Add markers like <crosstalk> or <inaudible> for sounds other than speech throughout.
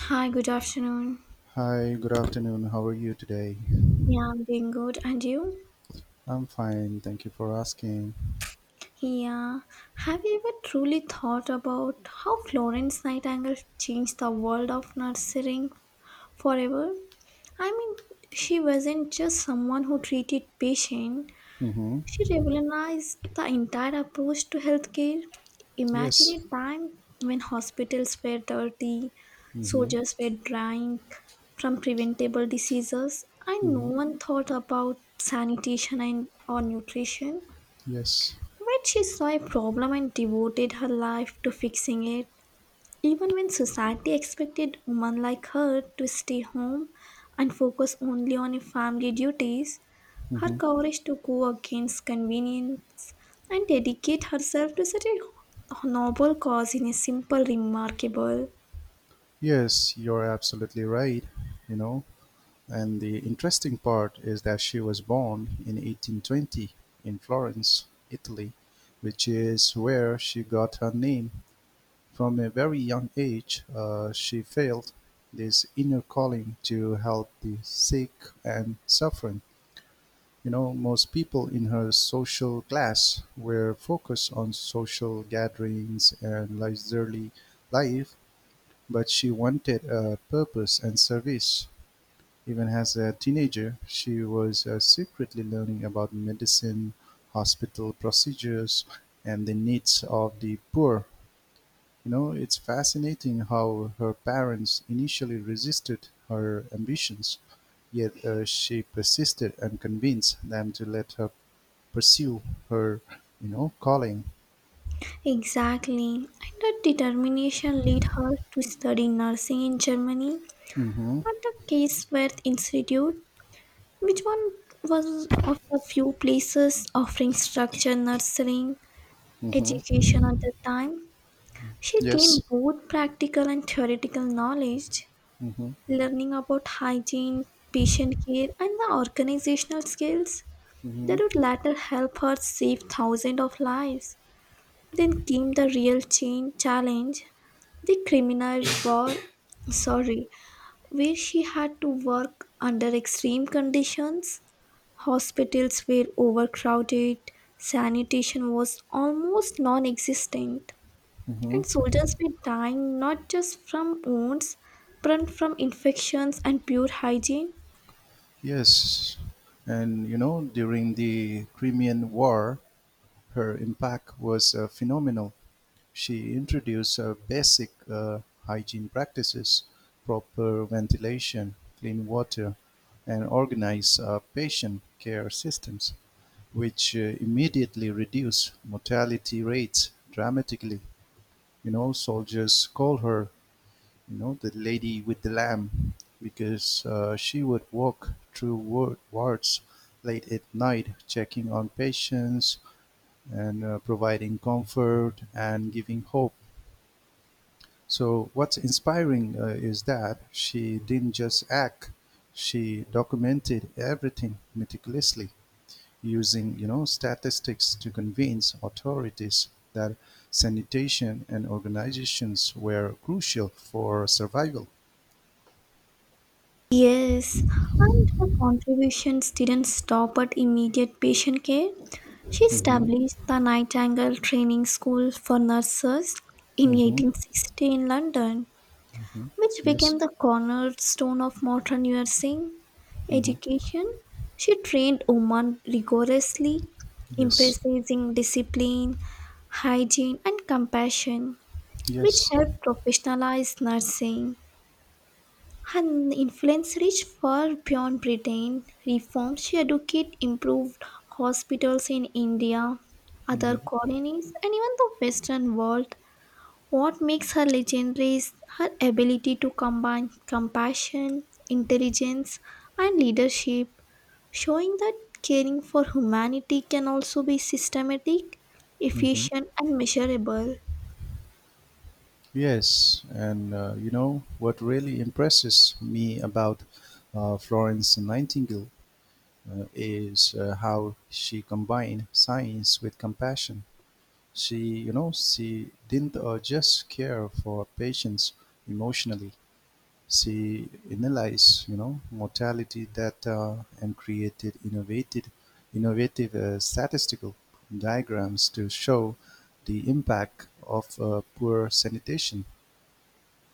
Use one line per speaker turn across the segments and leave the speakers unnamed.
Hi, good afternoon.
Hi, good afternoon. How are you today?
Yeah, I'm doing good. And you?
I'm fine. Thank you for asking.
Yeah. Have you ever truly thought about how Florence Nightingale changed the world of nursing forever? I mean, she wasn't just someone who treated patients.
Mm-hmm.
She revolutionized the entire approach to healthcare. Imagine
Yes.
a time when hospitals were dirty,
Mm-hmm.
soldiers were dying from preventable diseases, and no
Mm-hmm.
one thought about sanitation and or nutrition.
Yes.
But she saw a problem and devoted her life to fixing it. Even when society expected women like her to stay home and focus only on her family duties, her
Mm-hmm.
courage to go against convenience and dedicate herself to such a noble cause in a simple remarkable.
Yes, you're absolutely right. You know, and the interesting part is that she was born in 1820 in Florence, Italy, which is where she got her name. From a very young age, she felt this inner calling to help the sick and suffering. Most people in her social class were focused on social gatherings and leisurely life, but she wanted a purpose and service. Even as a teenager, she was secretly learning about medicine, hospital procedures, and the needs of the poor. It's fascinating how her parents initially resisted her ambitions. Yet she persisted and convinced them to let her pursue her calling.
Exactly, and her determination led her to study nursing in Germany
Mm-hmm.
at the Case-Western Institute, which one was of the few places offering structured nursing
Mm-hmm.
education at the time. She
Yes.
gained both practical and theoretical knowledge,
Mm-hmm.
learning about hygiene, patient care, and the organizational skills that would
Mm-hmm.
later help her save thousands of lives. Then came the real change challenge, the criminal <coughs> war, sorry, where she had to work under extreme conditions. Hospitals were overcrowded, sanitation was almost non existent,
Mm-hmm.
and soldiers were dying not just from wounds, but from infections and poor hygiene.
Yes. And during the Crimean War, her impact was phenomenal. She introduced basic hygiene practices, proper ventilation, clean water, and organized patient care systems, which immediately reduced mortality rates dramatically. Soldiers call her, you know, the lady with the lamb because she would walk through wards late at night, checking on patients and providing comfort and giving hope. So, what's inspiring is that she didn't just act, she documented everything meticulously, using statistics to convince authorities that sanitation and organizations were crucial for survival.
Yes, and her contributions didn't stop at immediate patient care. She
Mm-hmm.
established the Nightingale Training School for Nurses in
Mm-hmm.
1860 in London,
Hmm.
which
Yes.
became the cornerstone of modern nursing
Mm-hmm.
education. She trained women rigorously,
Yes.
emphasizing discipline, hygiene, and compassion, which
Yes.
helped professionalize nursing. Her influence reached far beyond Britain. Reforms she advocated improved hospitals in India, other
Mm-hmm.
colonies, and even the Western world. What makes her legendary is her ability to combine compassion, intelligence, and leadership, showing that caring for humanity can also be systematic,
Mm-hmm.
efficient, and measurable.
Yes. And what really impresses me about Florence Nightingale is how she combined science with compassion. She you know she didn't just care for patients emotionally. She analyzed mortality data and created innovative statistical diagrams to show the impact of poor sanitation.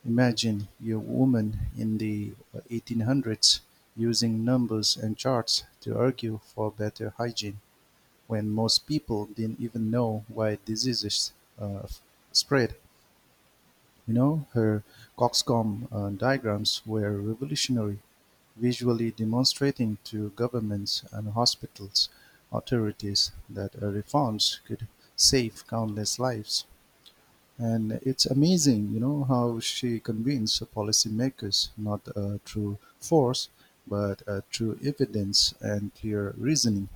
Imagine your woman in the 1800s using numbers and charts to argue for better hygiene when most people didn't even know why diseases uh, spread. Her Coxcomb diagrams were revolutionary, visually demonstrating to governments and hospitals authorities that reforms could save countless lives. And it's amazing, you know, how she convinced policymakers not through force, but through evidence and clear reasoning,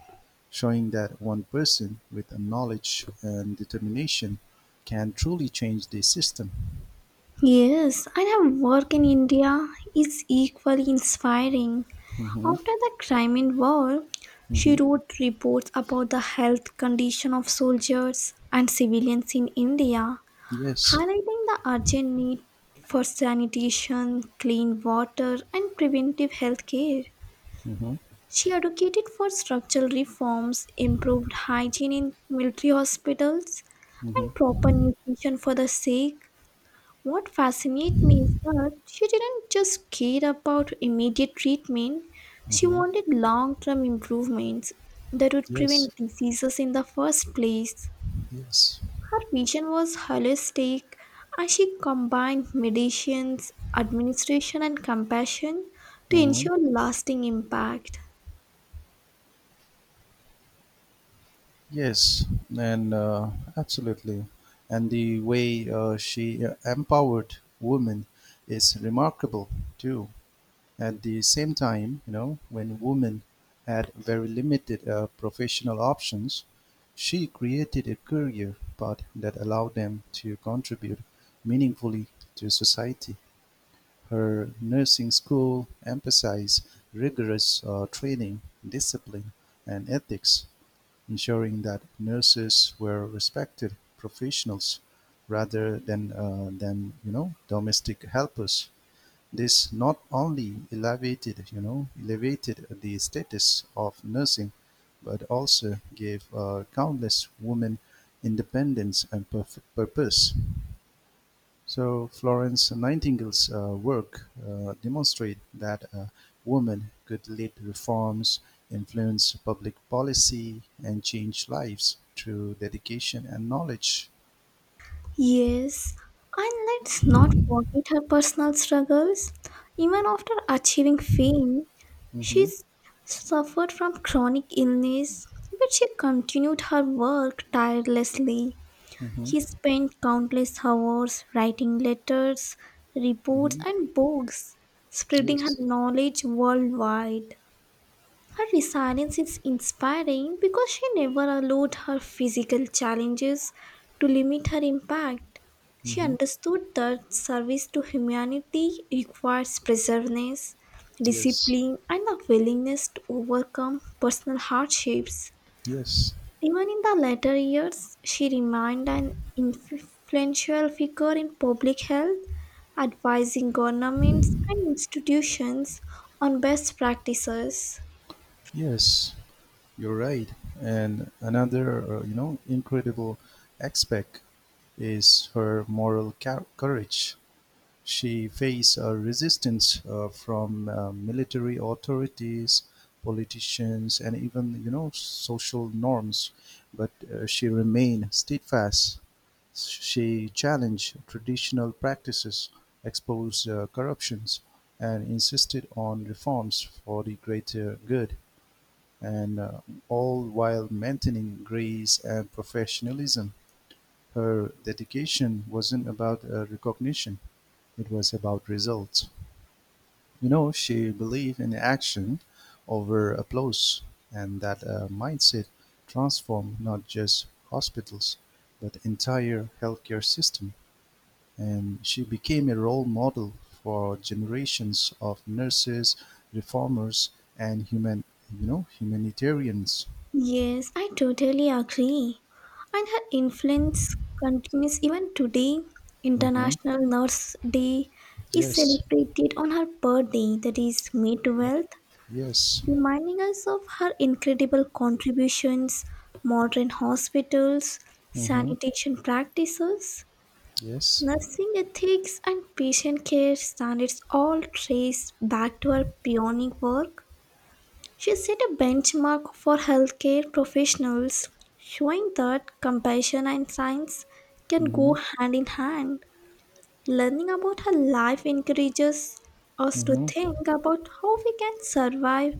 showing that one person with a knowledge and determination can truly change the system.
Yes, and her work in India is equally inspiring.
Mm-hmm.
After the Crimean War, she
Mm-hmm.
wrote reports about the health condition of soldiers and civilians in India,
Yes.
highlighting the urgent need for sanitation, clean water, and preventive health care.
Mm-hmm.
She advocated for structural reforms, improved hygiene in military hospitals, and
Mm-hmm.
proper nutrition for the sick. What fascinates me is that she didn't just care about immediate treatment, she
Mm-hmm.
wanted long term improvements that would
Yes.
prevent diseases in the first place.
Yes.
Her vision was holistic and she combined medicines, administration, and compassion to
Mm-hmm.
ensure lasting impact.
Yes. And absolutely. And the way she empowered women is remarkable too. At the same time, you know, when women had very limited professional options, she created a career path that allowed them to contribute meaningfully to society. Her nursing school emphasized rigorous training, discipline, and ethics, ensuring that nurses were respected professionals rather than domestic helpers. This not only elevated the status of nursing, but also gave countless women independence and purpose. So Florence Nightingale's work demonstrate that a woman could lead reforms, influence public policy, and change lives through dedication and knowledge.
Yes, and let's not forget her personal struggles. Even after achieving fame, she
Hmm.
s- suffered from chronic illness, but she continued her work tirelessly.
Hmm.
He spent countless hours writing letters, reports,
Hmm.
and books, spreading her
Yes.
knowledge worldwide. Her resilience is inspiring because she never allowed her physical challenges to limit her impact. She
Hmm.
understood that service to humanity requires perseverance,
Yes.
discipline, and a willingness to overcome personal hardships.
Yes.
Even in the later years, she remained an influential figure in public health, advising governments and institutions on best practices.
Yes. You're right. And another, incredible aspect is her moral courage. She faced a resistance from military authorities, politicians, and even, you know, social norms. But she remained steadfast. She challenged traditional practices, exposed corruptions, and insisted on reforms for the greater good, and all while maintaining grace and professionalism. Her dedication wasn't about recognition, it was about results. She believed in action over applause, and that mindset transformed not just hospitals, but entire healthcare system. And she became a role model for generations of nurses, reformers, and humanitarians.
Yes, I totally agree. And her influence continues even today.
Mhm.
International Nurse Day is
Yes.
celebrated on her birthday, that is May 12th,
Yes.
reminding us of her incredible contributions. Modern hospitals,
Mm-hmm.
sanitation practices,
Yes.
nursing ethics, and patient care standards all traced back to her pioneering work. She set a benchmark for healthcare professionals, showing that compassion and science can go
Mm-hmm.
hand in hand. Learning about her life encourages us to
Mm-hmm.
think about how we can survive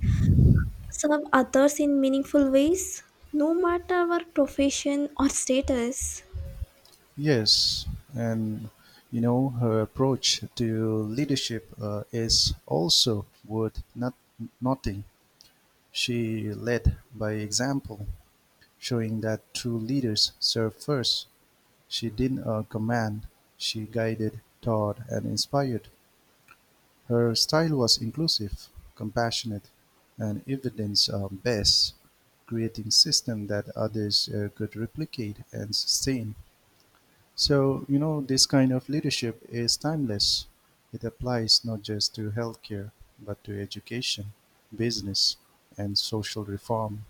serve others in meaningful ways, no matter our profession or status.
Yes. And her approach to leadership is also worth not noting. She led by example, showing that true leaders serve first. She didn't command; she guided, taught, and inspired. Her style was inclusive, compassionate, and evidence-based, creating systems that others could replicate and sustain. So, this kind of leadership is timeless. It applies not just to healthcare, but to education, business, and social reform.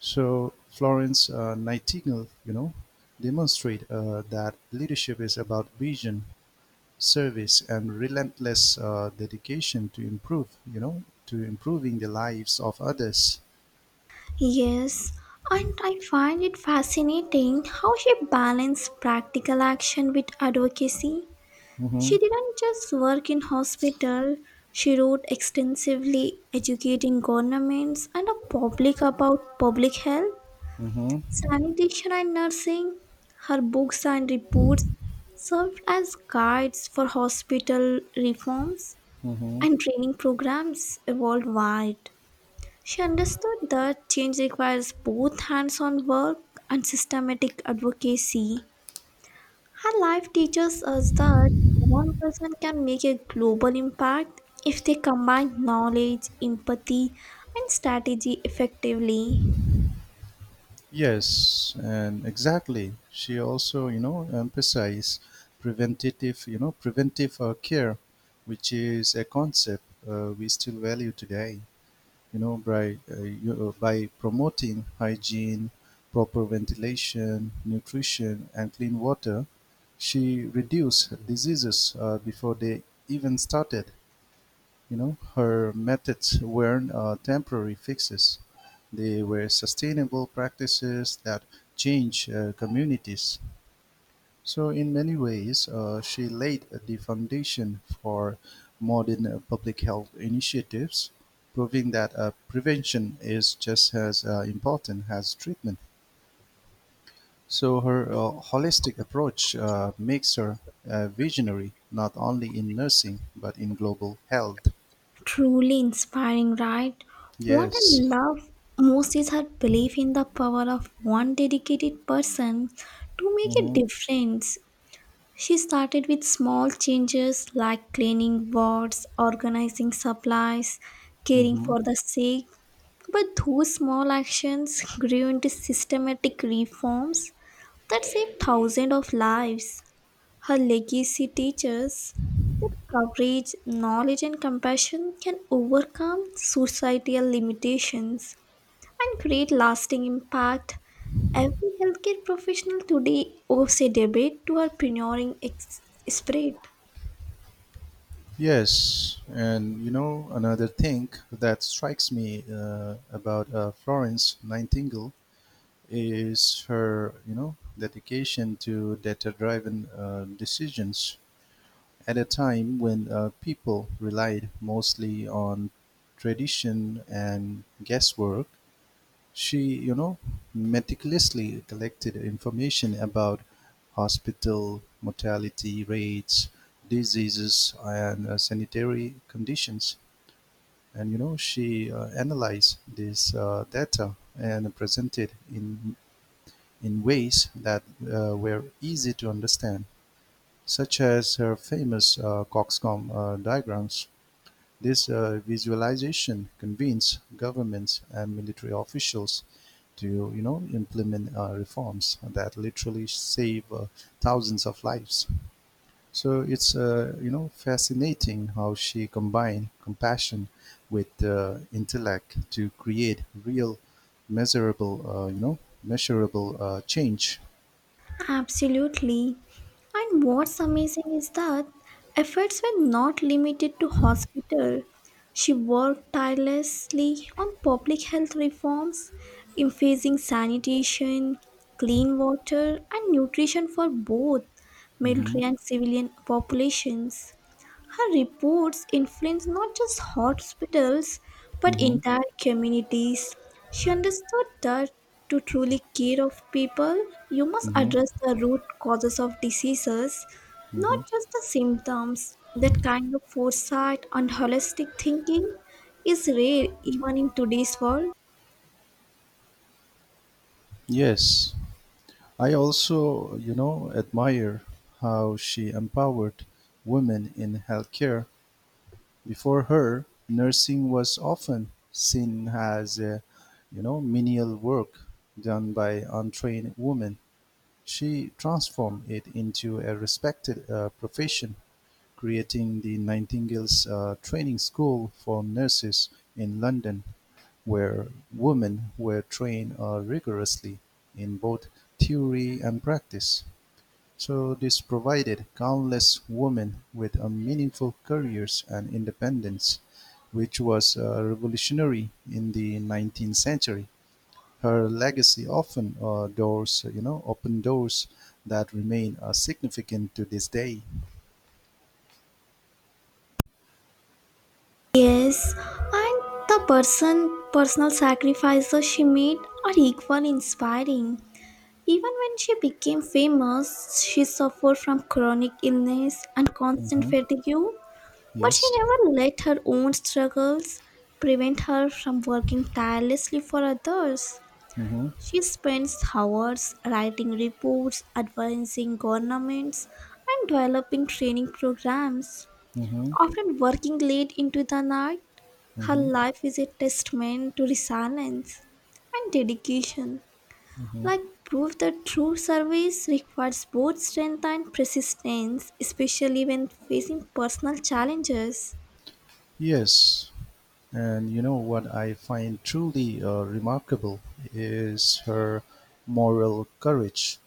So, Florence Nightingale, demonstrate that leadership is about vision, service and relentless dedication to improving the lives of others.
Yes, and I find it fascinating how she balanced practical action with advocacy.
Mm-hmm.
She didn't just work in hospital, she wrote extensively educating governments and the public about public health,
Mm-hmm.
sanitation and nursing. Her books and reports served as guides for hospital reforms
Mm-hmm.
and training programs worldwide. She understood that change requires both hands on work and systematic advocacy. Her life teaches us that one person can make a global impact if they combine knowledge, empathy, and strategy effectively.
Yes, and exactly. She also, you know, emphasized preventive care, which is a concept we still value today. You know, by promoting hygiene, proper ventilation, nutrition, and clean water, she reduced diseases before they even started. Her methods weren't temporary fixes; they were sustainable practices that change communities. So in many ways, she laid the foundation for modern public health initiatives, proving that prevention is just as important as treatment. So her holistic approach makes her a visionary, not only in nursing, but in global health.
Truly inspiring, right? What I
Yes.
love most is her belief in the power of one dedicated person to make a
Mm-hmm.
difference. She started with small changes like cleaning wards, organizing supplies, caring
Mm-hmm.
for the sick, but those small actions grew into systematic reforms that saved thousands of lives. Her legacy teaches that courage, knowledge, and compassion can overcome societal limitations and create lasting impact. Every healthcare professional today owes a debate to our pioneering spirit.
Yes, and another thing that strikes me about Florence Nightingale is her, you know, dedication to data-driven decisions at a time when people relied mostly on tradition and guesswork. She, you know, meticulously collected information about hospital mortality rates, diseases, and sanitary conditions. And she analyzed this data and presented in ways that were easy to understand, such as her famous COXCOM diagrams. This visualization convinced governments and military officials to implement reforms that literally save thousands of lives. So it's fascinating how she combined compassion with intellect to create real measurable change.
Absolutely. And what's amazing is that efforts were not limited to hospital. She worked tirelessly on public health reforms, emphasizing sanitation, clean water, and nutrition for both
Hmm.
military and civilian populations. Her reports influenced not just hospitals but
Mm-hmm.
entire communities. She understood that to truly care of people, you must
Mm-hmm.
address the root causes of diseases, not
Mm-hmm.
just the symptoms. That kind of foresight and holistic thinking is rare even in today's world.
Yes, I also, you know, admire how she empowered women in healthcare. Before her, nursing was often seen as, menial work done by untrained women. She transformed it into a respected profession, creating the Nightingale's Training School for Nurses in London, where women were trained rigorously in both theory and practice, so this provided countless women with a meaningful careers and independence, which was revolutionary in the 19th century. Her legacy often open doors that remain significant to this day.
Yes, and the personal sacrifices she made are equally inspiring. Even when she became famous, she suffered from chronic illness and constant
Hmm.
fatigue, but she
Yes.
never let her own struggles prevent her from working tirelessly for others.
Hmm.
She spends hours writing reports, advising governments, and developing training programs,
Hmm.
often working late into the night. Her
Hmm.
life is a testament to resilience and dedication.
Hmm.
Like prove that true service requires both strength and persistence, especially when facing personal challenges.
Yes. And what I find truly remarkable is her moral courage.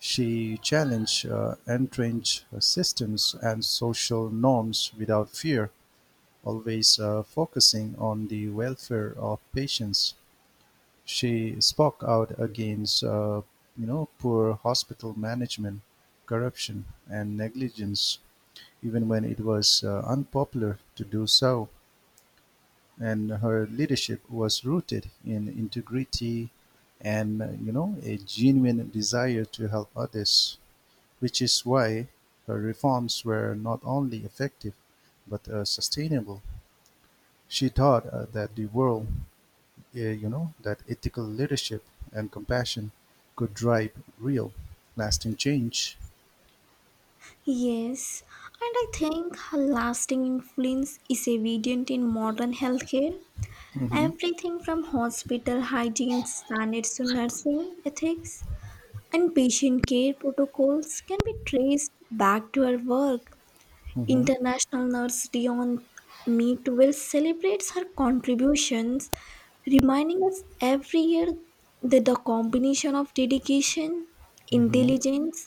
She challenged entrenched systems and social norms without fear, always focusing on the welfare of patients. She spoke out against, poor hospital management, corruption, and negligence, even when it was unpopular to do so. And her leadership was rooted in integrity and a genuine desire to help others, which is why her reforms were not only effective but sustainable. She taught that the world you know that ethical leadership and compassion could drive real lasting change.
Yes, and I think her lasting influence is evident in modern healthcare.
Hmm.
Everything from hospital hygiene standards to nursing ethics and patient care protocols can be traced back to her work.
Hmm.
International Nurse Dion Meadville celebrates her contributions, reminding us every year that the combination of dedication,
Hmm.
intelligence,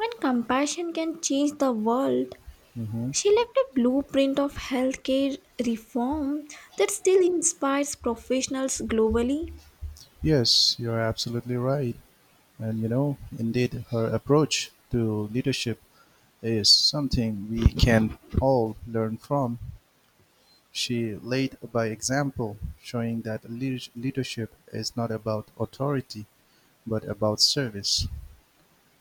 and compassion can change the world.
Hmm.
She left a blueprint of healthcare reform that still inspires professionals globally.
Yes, you're absolutely right. And indeed her approach to leadership is something we can all learn from. She led by example, showing that leadership is not about authority, but about service.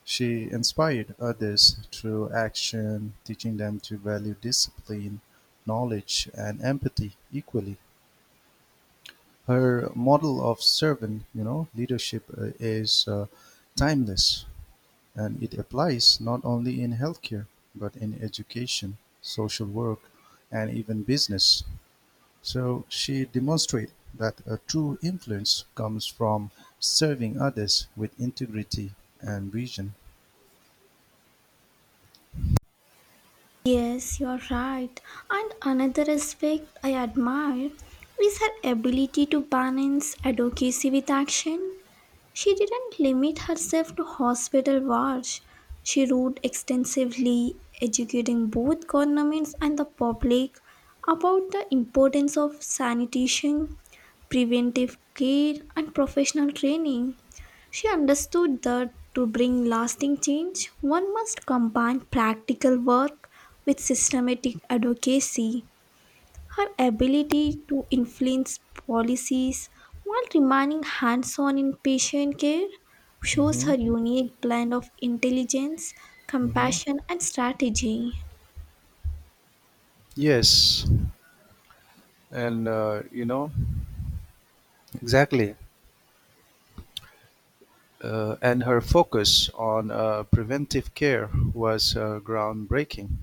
She inspired others through action, teaching them to value discipline, knowledge, and empathy equally. Her model of leadership is timeless. And it applies not only in healthcare, but in education, social work, and even business. So she demonstrated that a true influence comes from serving others with integrity and vision.
Yes, you're right. And another aspect I admire is her ability to balance advocacy with action. She didn't limit herself to hospital wards. She wrote extensively, educating both governments and the public about the importance of sanitation, preventive care, and professional training. She understood that to bring lasting change, one must combine practical work with systematic advocacy. Her ability to influence policies while remaining hands on in patient care shows
Hmm.
her unique blend of intelligence,
Hmm.
compassion, and strategy.
Yes, and exactly. And her focus on preventive care was groundbreaking.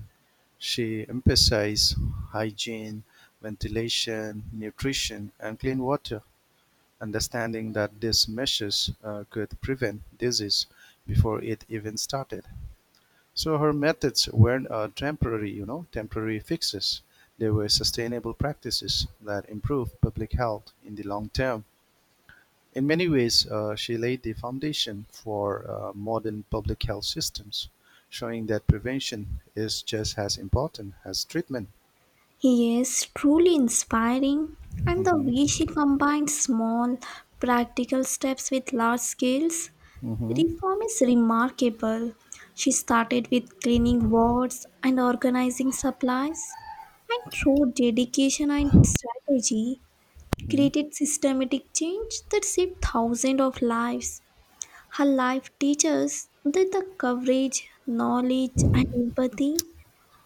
She emphasized hygiene, ventilation, nutrition, and clean water, understanding that these measures could prevent disease before it even started. So her methods weren't temporary fixes. They were sustainable practices that improve public health in the long term. In many ways, she laid the foundation for modern public health systems, showing that prevention is just as important as treatment.
He is truly inspiring, and the
Mhm.
way she combines small, practical steps with large scales
Mm-hmm.
reform is remarkable. She started with cleaning wards and organizing supplies, and through dedication and strategy,
Mm-hmm.
created systematic change that saved thousands of lives. Her life teaches that the courage, knowledge, and empathy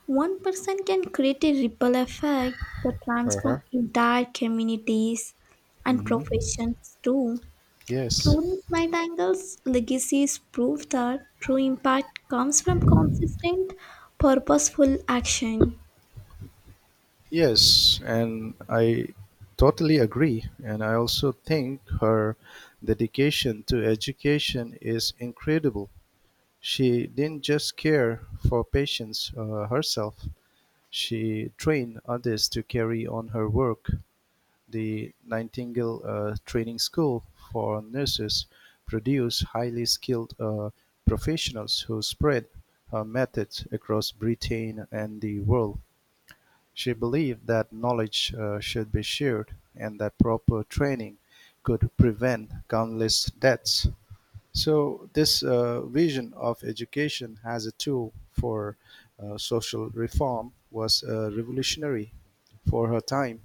one person can create a ripple effect that
Uh huh.
transforms entire communities and
Mm-hmm.
professions too.
Yes.
Florence Nightingale's legacies prove that true impact comes from consistent, purposeful action.
Yes. And I totally agree. And I also think her dedication to education is incredible. She didn't just care for patients herself, she trained others to carry on her work. The Nightingale Training School for Nurses produced highly skilled professionals who spread her methods across Britain and the world. She believed that knowledge should be shared and that proper training could prevent countless deaths. So, this vision of education as a tool for social reform was revolutionary for her time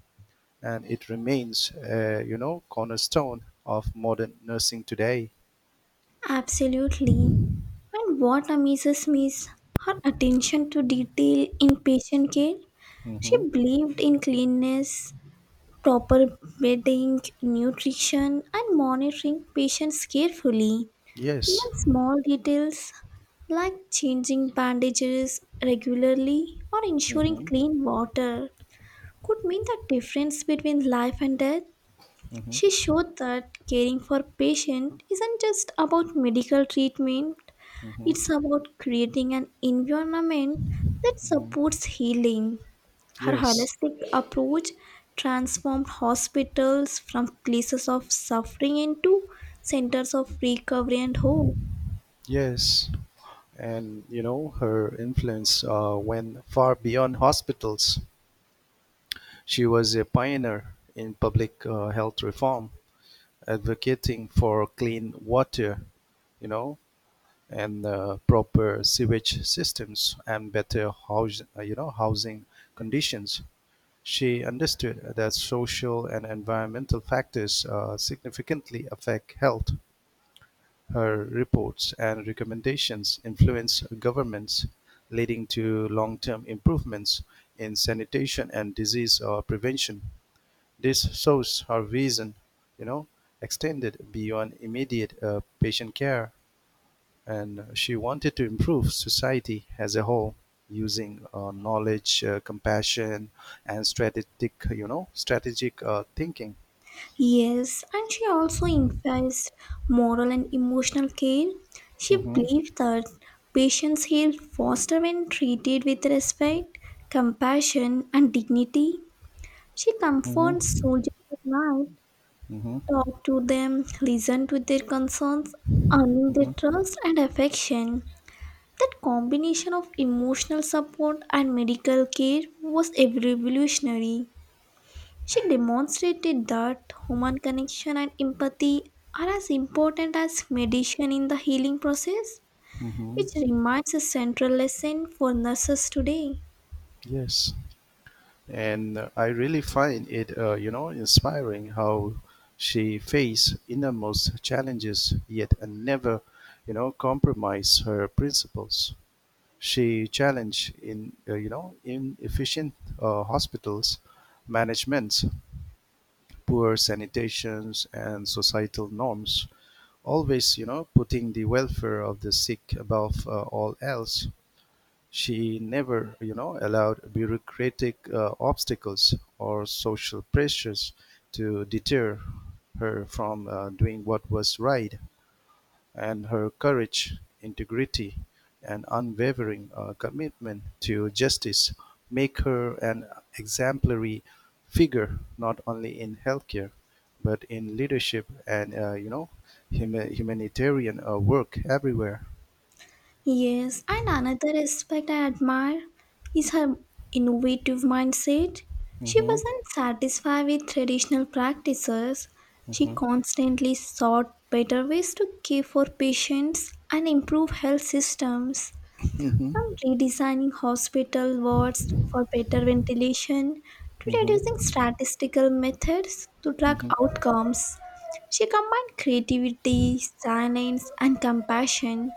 and it remains, cornerstone of modern nursing today.
Absolutely. And what amazes me is her attention to detail in patient care. She
Hmm.
believed in cleanliness, proper bedding, nutrition, and monitoring patients carefully.
Yes.
Even small details like changing bandages regularly or ensuring
Hmm.
clean water could mean the difference between life and death.
Hmm.
She showed that caring for patient isn't just about medical treatment,
Hmm.
it's about creating an environment that
Hmm.
supports healing. Her
Yes.
holistic approach transformed hospitals from places of suffering into centers of recovery and hope.
Yes. And her influence went far beyond hospitals. She was a pioneer in public health reform, advocating for clean water, you know, and proper sewage systems and better housing conditions. She understood that social and environmental factors significantly affect health; her reports and recommendations influence governments, leading to long-term improvements in sanitation and disease prevention. This shows her vision, you know, extended beyond immediate patient care, and she wanted to improve society as a whole using knowledge, compassion, and strategic thinking.
Yes, and she also emphasized moral and emotional care. She
Mm-hmm.
believed that patients heal faster when treated with respect, compassion, and dignity. She comforts
Mm-hmm.
soldiers at night,
Mm-hmm.
talked to them, listened to their concerns, earning their
Mm-hmm.
trust and affection. That combination of emotional support and medical care was evolutionary. She demonstrated that human connection and empathy are as important as medicine in the healing process,
Mm-hmm.
which remains a central lesson for nurses today.
Yes, and I really find it, inspiring how she faced innermost challenges yet and never, you know, compromise her principles. She challenged in you know inefficient hospitals managements, poor sanitations, and societal norms. Always, you know, putting the welfare of the sick above all else. She never, you know, allowed bureaucratic obstacles or social pressures to deter her from doing what was right. And her courage, integrity, and unwavering commitment to justice make her an exemplary figure not only in healthcare but in leadership and humanitarian work everywhere.
Yes, and another aspect I admire is her innovative mindset. She
Hmm.
wasn't satisfied with traditional practices. She
Hmm.
constantly sought better ways to care for patients and improve health systems.
Hmm.
From redesigning hospital wards for better ventilation to reducing
Hmm.
statistical methods to track
Hmm.
outcomes, she combined creativity, science, and compassion.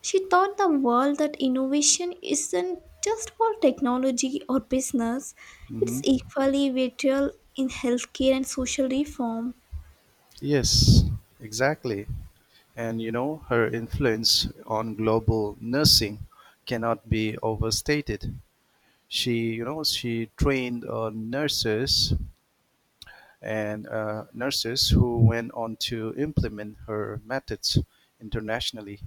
She taught the world that innovation isn't just for technology or business, it's
Hmm.
equally vital in healthcare and social reform.
Yes, exactly. And her influence on global nursing cannot be overstated. She you know she trained nurses and nurses who went on to implement her methods internationally.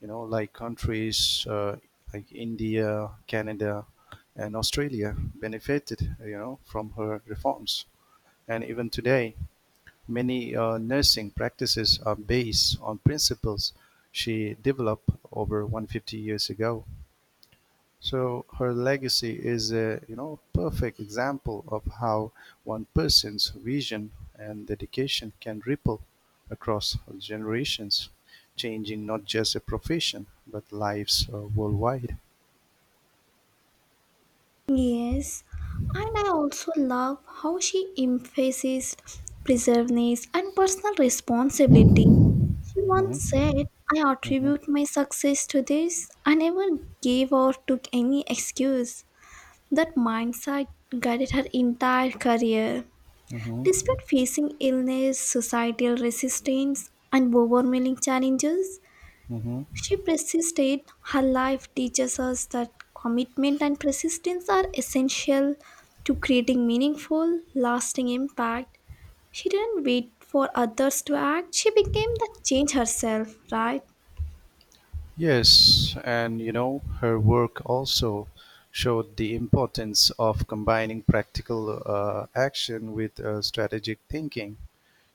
Like countries like India, Canada and Australia benefited, from her reforms, and even today many nursing practices are based on principles she developed over 150 years ago. So her legacy is a perfect example of how one person's vision and dedication can ripple across generations, changing not just a profession but lives worldwide.
Yes, and I also love how she emphasized preservedness and personal responsibility. She once
Mhm,
said, I
mhm,
attribute my success to this. I never gave or took any excuse. That mindset guided her entire career.
mhm,
Despite facing illness, societal resistance, and overwhelming challenges,
mhm.
she persisted. Her life teaches us that commitment and persistence are essential to creating meaningful, lasting impact. She didn't wait for others to act, she became the change herself, right?
Yes, and her work also showed the importance of combining practical action with strategic thinking.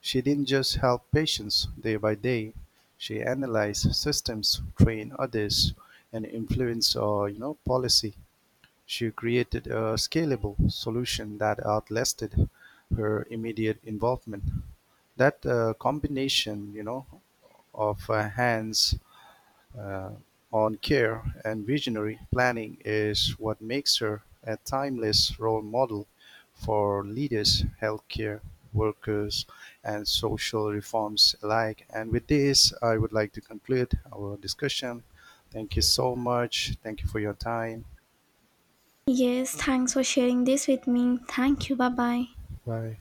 She didn't just help patients day by day, she analyzed systems, trained others, and influenced policy. She created a scalable solution that outlasted her immediate involvement. That combination, you know, of hands uh, on care and visionary planning is what makes her a timeless role model for leaders, healthcare workers, and social reforms alike. And with this, I would like to conclude our discussion. Thank you so much. Thank you for your time.
Yes, thanks for sharing this with me. Thank you. Bye bye.
Bye.